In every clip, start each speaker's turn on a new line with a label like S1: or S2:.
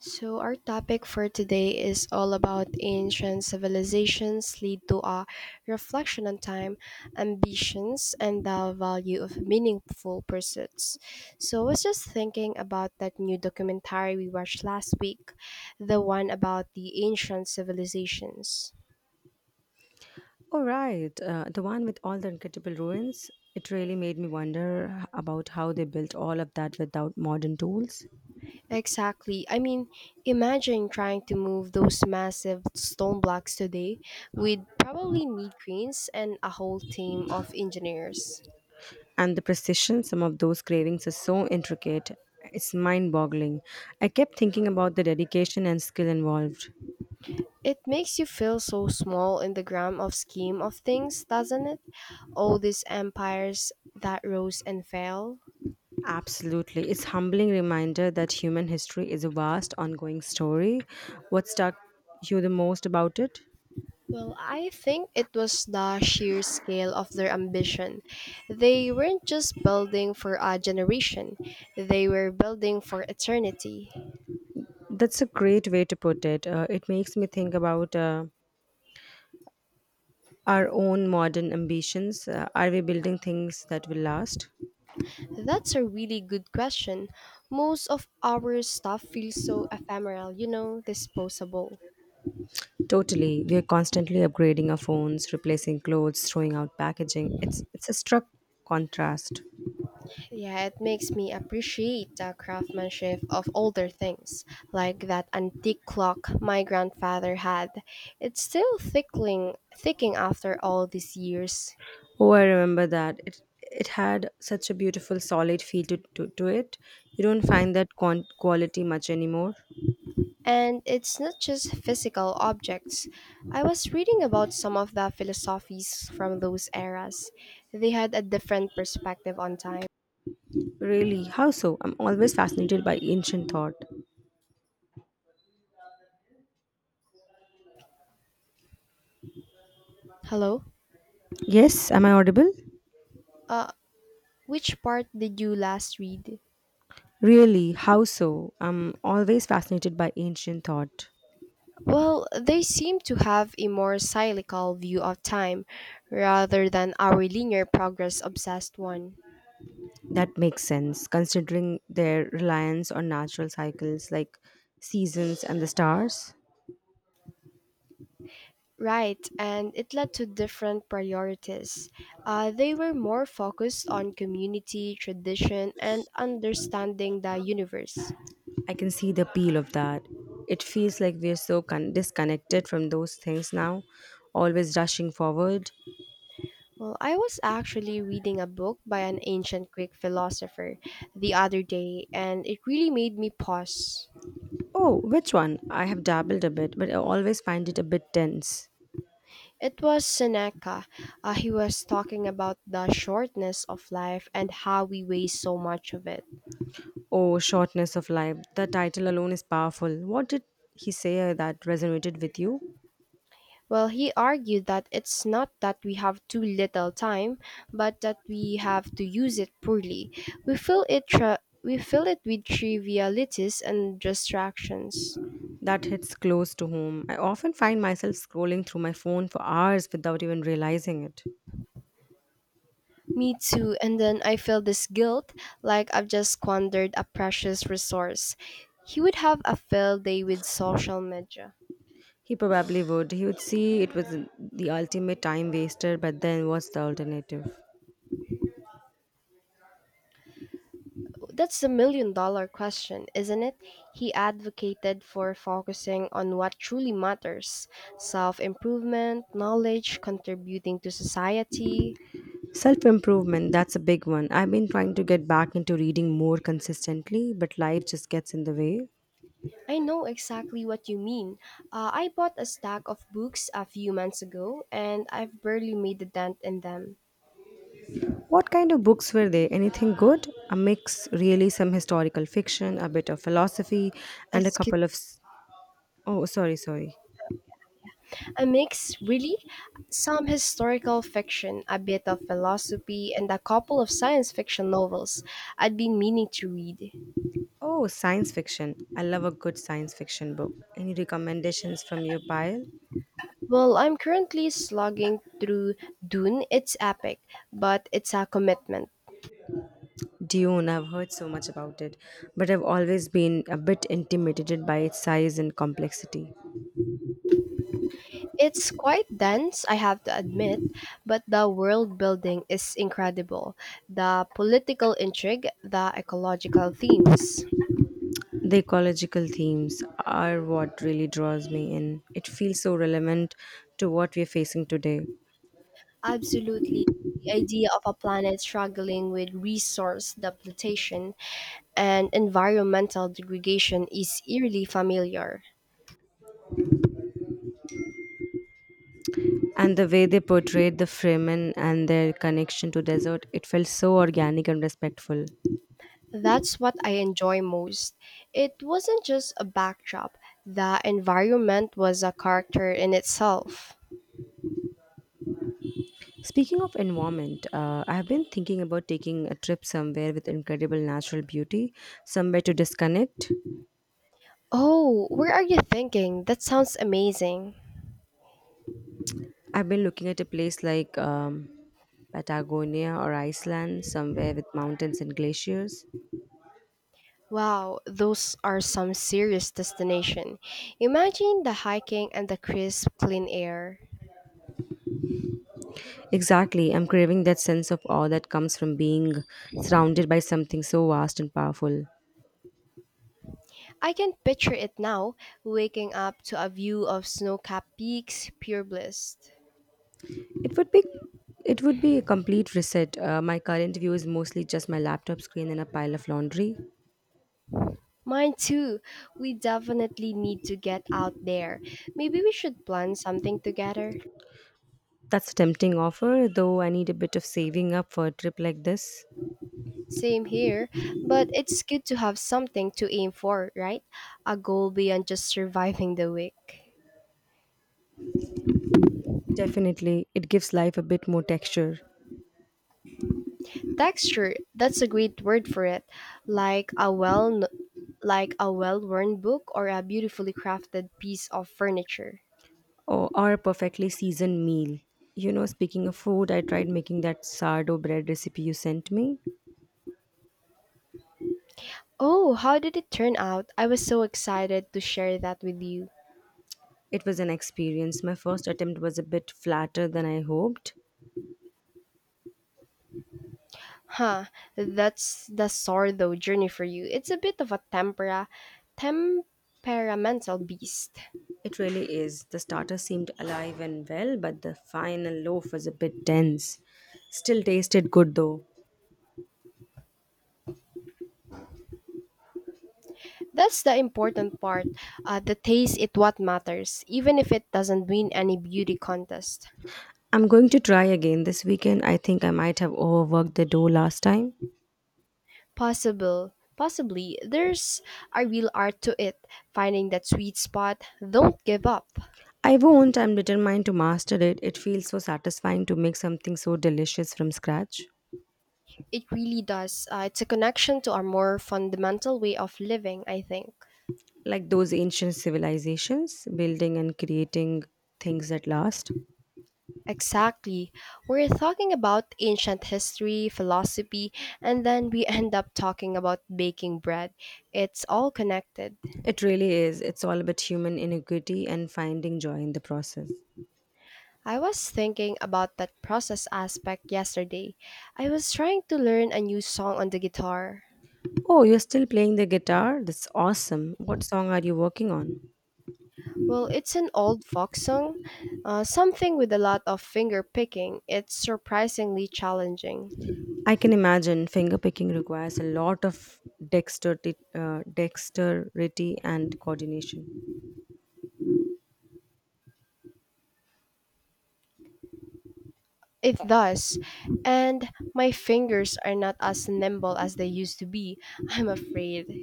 S1: So, our topic for today is all about ancient civilizations lead to a reflection on time, ambitions, and the value of meaningful pursuits. So, I was just thinking about that new documentary we watched last week, the one about the ancient civilizations.
S2: Oh, right. The one with all the incredible ruins. It really made me wonder about how they built all of that without modern tools.
S1: Exactly. I mean, imagine trying to move those massive stone blocks today. We'd probably need cranes and a whole team of engineers.
S2: And the precision, some of those carvings are so intricate. It's mind boggling. I kept thinking about the dedication and skill involved.
S1: It makes you feel so small in the grand of scheme of things, doesn't it? All these empires that rose and fell.
S2: Absolutely. It's humbling reminder that human history is a vast ongoing story. What stuck you the most about it?
S1: Well, I think it was the sheer scale of their ambition. They weren't just building for a generation, they were building for eternity.
S2: That's a great way to put it. It makes me think about our own modern ambitions? Are we building things that will last?
S1: That's a really good question. Most of our stuff feels so ephemeral, you know, disposable.
S2: Totally. We are constantly upgrading our phones, replacing clothes, throwing out packaging. It's a struck contrast.
S1: Yeah, it makes me appreciate the craftsmanship of older things, like that antique clock my grandfather had. It's still thickling, thicking after all these years.
S2: Oh, I remember that. It had such a beautiful solid feel to it. You don't find that quality much anymore.
S1: And it's not just physical objects. I was reading about some of the philosophies from those eras. They had a different perspective on time.
S2: Really? How so? I'm always fascinated by ancient thought.
S1: Hello?
S2: Yes, am I audible?
S1: Uh, which part did you last read?
S2: Really? How so? I'm always fascinated by ancient thought.
S1: Well, they seem to have a more cyclical view of time rather than our linear progress obsessed one.
S2: That makes sense, considering their reliance on natural cycles like seasons and the stars.
S1: Right, and it led to different priorities. They were more focused on community, tradition, and understanding the universe.
S2: I can see the appeal of that. It feels like we're so disconnected from those things now, always rushing forward.
S1: Well, I was actually reading a book by an ancient Greek philosopher the other day, and it really made me pause.
S2: Oh, which one? I have dabbled a bit, but I always find it a bit tense.
S1: It was Seneca. He was talking about the shortness of life and how we waste so much of it.
S2: Oh, shortness of life. The title alone is powerful. What did he say that resonated with you?
S1: Well, he argued that it's not that we have too little time, but that we have to use it poorly. We fill it with trivialities and distractions.
S2: That hits close to home. I often find myself scrolling through my phone for hours without even realizing it.
S1: Me too, and then I feel this guilt like I've just squandered a precious resource. He would have a field day with social media.
S2: He probably would. He would see it was the ultimate time waster, but then what's the alternative?
S1: That's the million dollar question, isn't it? He advocated for focusing on what truly matters self improvement, knowledge, contributing to society.
S2: Self improvement, that's a big one. I've been trying to get back into reading more consistently, but life just gets in the way.
S1: I know exactly what you mean. I bought a stack of books a few months ago and I've barely made a dent in them.
S2: What kind of books were they? Anything good? A mix, really, some historical fiction, a bit of philosophy, and a
S1: Excuse
S2: couple of. S- Oh, sorry, sorry.
S1: a mix, really? Some historical fiction, a bit of philosophy, and a couple of science fiction novels I'd been meaning to read.
S2: Oh, science fiction. I love a good science fiction book. Any recommendations from your pile?
S1: Well, I'm currently slugging through Dune. It's epic, but it's a commitment.
S2: Dune, I've heard so much about it, but I've always been a bit intimidated by its size and complexity.
S1: It's quite dense, I have to admit, but the world building is incredible. The political intrigue, the ecological themes.
S2: The ecological themes are what really draws me in. It feels so relevant to what we're facing today.
S1: Absolutely. The idea of a planet struggling with resource depletion and environmental degradation is eerily familiar.
S2: And the way they portrayed the Fremen and their connection to desert, it felt so organic and respectful.
S1: That's what I enjoy most. It wasn't just a backdrop, the environment was a character in itself.
S2: Speaking of environment, I have been thinking about taking a trip somewhere with incredible natural beauty, somewhere to disconnect.
S1: Oh, where are you thinking? That sounds amazing.
S2: I've been looking at a place like Patagonia or Iceland, somewhere with mountains and glaciers.
S1: Wow, those are some serious destination. Imagine the hiking and the crisp, clean air.
S2: Exactly, I'm craving that sense of awe that comes from being surrounded by something so vast and powerful.
S1: I can picture it now, waking up to a view of snow-capped peaks, pure bliss.
S2: It would be it would be a complete reset. My current view is mostly just my laptop screen and a pile of laundry.
S1: Mine too. We definitely need to get out there. Maybe we should plan something together.
S2: That's a tempting offer, though I need a bit of saving up for a trip like this.
S1: Same here, but it's good to have something to aim for, right? A goal beyond just surviving the week.
S2: Definitely, it gives life a bit more texture.
S1: Texture, that's a great word for it. Like a well like a well-worn book or a beautifully crafted piece of furniture.
S2: Or a perfectly seasoned meal. You know, speaking of food, I tried making that sourdough bread recipe you sent me.
S1: Oh, how did it turn out? I was so excited to share that with you.
S2: It was an experience. My first attempt was a bit flatter than I hoped.
S1: Huh, that's the sourdough journey for you. It's a bit of a temperamental beast.
S2: It really is. The starter seemed alive and well, but the final loaf was a bit dense. Still tasted good though.
S1: That's the important part. The taste is what matters, even if it doesn't win any beauty contest.
S2: I'm going to try again this weekend. I think I might have overworked the dough last time.
S1: Possibly, there's a real art to it. Finding that sweet spot, don't give up.
S2: I won't. I'm determined to master it. It feels so satisfying to make something so delicious from scratch.
S1: It really does. It's a connection to our more fundamental way of living, I think.
S2: Like those ancient civilizations building and creating things that last.
S1: Exactly. We're talking about ancient history, philosophy, and then we end up talking about baking bread. It's all connected.
S2: It really is, it's all about human iniquity and finding joy in the process.
S1: I was thinking about that process aspect yesterday. I was trying to learn a new song on the guitar.
S2: Oh, you're still playing the guitar. That's awesome. What song are you working on?
S1: Well, it's an old folk song, something with a lot of finger picking. It's surprisingly challenging.
S2: I can imagine fingerpicking requires a lot of dexterity and coordination.
S1: It does. And my fingers are not as nimble as they used to be, I'm afraid.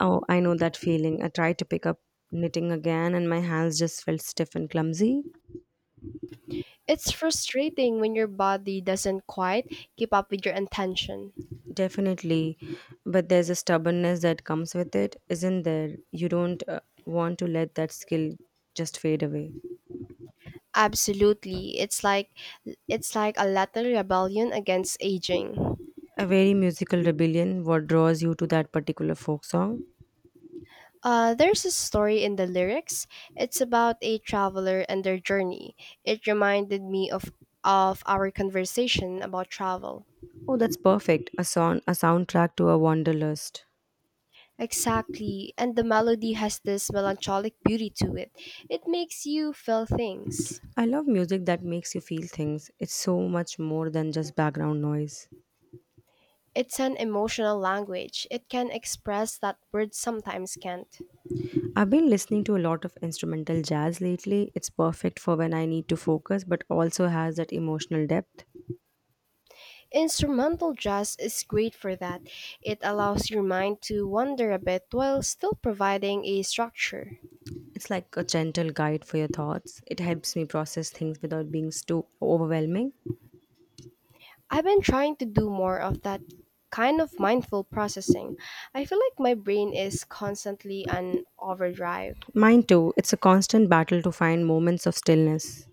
S2: Oh, I know that feeling. I tried to pick up knitting again and my hands just felt stiff and clumsy.
S1: It's frustrating when your body doesn't quite keep up with your intention.
S2: Definitely, but there's a stubbornness that comes with it, isn't there? You don't want to let that skill just fade away.
S1: Absolutely. It's like a little rebellion against aging.
S2: A very musical rebellion, what draws you to that particular folk song?
S1: There's a story in the lyrics. It's about a traveler and their journey. It reminded me of our conversation about travel.
S2: Oh, that's perfect. A song, a soundtrack to a wanderlust.
S1: Exactly, and the melody has this melancholic beauty to it. It makes you feel things.
S2: I love music that makes you feel things. It's so much more than just background noise.
S1: It's an emotional language. It can express that words sometimes can't.
S2: I've been listening to a lot of instrumental jazz lately. It's perfect for when I need to focus, but also has that emotional depth.
S1: Instrumental jazz is great for that. It allows your mind to wander a bit while still providing a structure.
S2: It's like a gentle guide for your thoughts. It helps me process things without being too overwhelming.
S1: I've been trying to do more of that kind of mindful processing. I feel like my brain is constantly on overdrive.
S2: Mine too, it's a constant battle to find moments of stillness.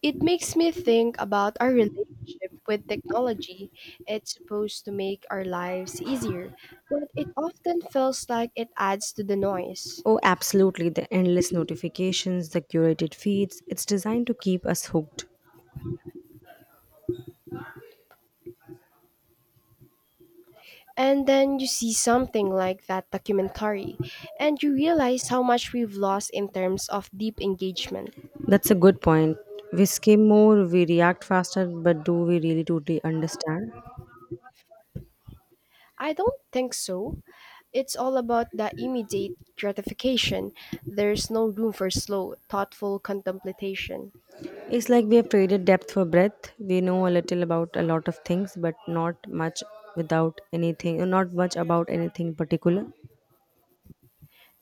S1: It makes me think about our relationship with technology. It's supposed to make our lives easier, but it often feels like it adds to the noise.
S2: Oh, absolutely, the endless notifications, the curated feeds, it's designed to keep us hooked.
S1: And then you see something like that documentary, and you realize how much we've lost in terms of deep engagement.
S2: That's a good point. We skim more, we react faster, but do we really totally understand?
S1: I don't think so. It's all about the immediate gratification. There's no room for slow, thoughtful contemplation.
S2: It's like we have traded depth for breadth. We know a little about a lot of things, but not much without anything, not much about anything particular.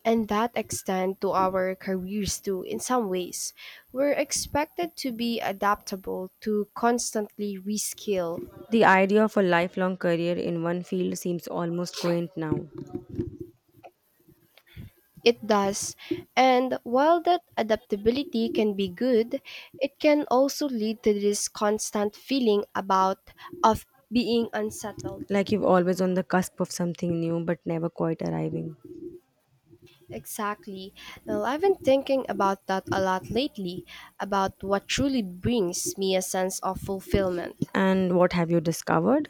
S1: And that extends to our careers too, in some ways. We're expected to be adaptable, to constantly reskill.
S2: The idea of a lifelong career in one field seems almost quaint now.
S1: It does. And while that adaptability can be good, it can also lead to this constant feeling about of being unsettled.
S2: Like you've always on the cusp of something new but never quite arriving.
S1: Exactly. Well, I've been thinking about that a lot lately, about what truly brings me a sense of fulfillment.
S2: And what have you discovered?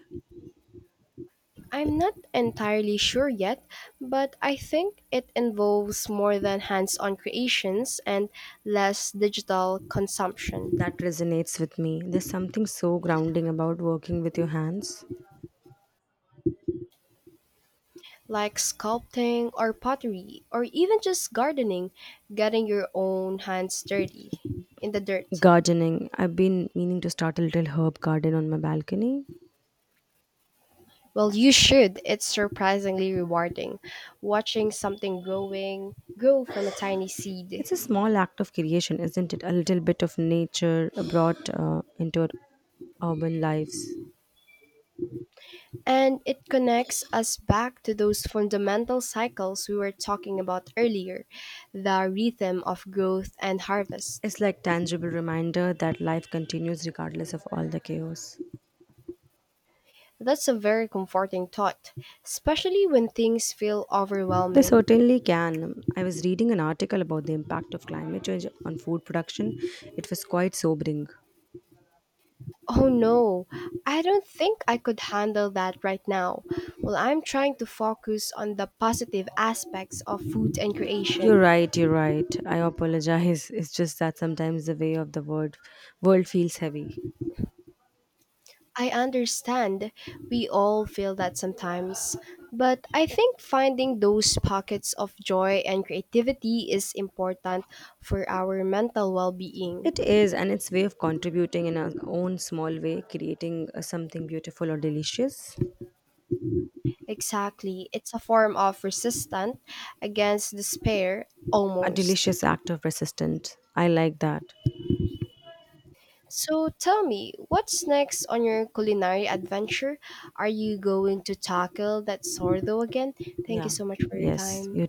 S1: I'm not entirely sure yet, but I think it involves more than hands on creations and less digital consumption,
S2: That resonates with me. There's something so grounding about working with your hands.
S1: like sculpting or pottery, or even just gardening, getting your own hands dirty in the dirt.
S2: Gardening. I've been meaning to start a little herb garden on my balcony.
S1: Well, you should. It's surprisingly rewarding watching something grow from a tiny seed.
S2: It's a small act of creation, isn't it? A little bit of nature brought into our urban lives.
S1: And it connects us back to those fundamental cycles we were talking about earlier the rhythm of growth and harvest.
S2: It's like tangible reminder that life continues regardless of all the chaos.
S1: That's a very comforting thought, especially when things feel
S2: They
S1: overwhelming.
S2: certainly can. I was reading an article about the impact of climate change on food production. It was quite sobering.
S1: Oh no, I don't think I could handle that right now. Well, I'm trying to focus on the positive aspects of food and creation.
S2: You're right, you're right. I apologize. It's just that sometimes the way of the world feels heavy.
S1: I understand. We all feel that sometimes. But I think finding those pockets of joy and creativity is important for our mental well
S2: It
S1: being.
S2: is, and its way of contributing in our own small way, creating something beautiful or delicious.
S1: Exactly. It's a form of resistance against despair,
S2: A
S1: almost.
S2: delicious act of resistance. I like that.
S1: So tell me, what's next on your culinary adventure? Are you going to tackle that sourdough again? Thank you
S2: Yeah.
S1: so much for your
S2: Yes.
S1: time.
S2: You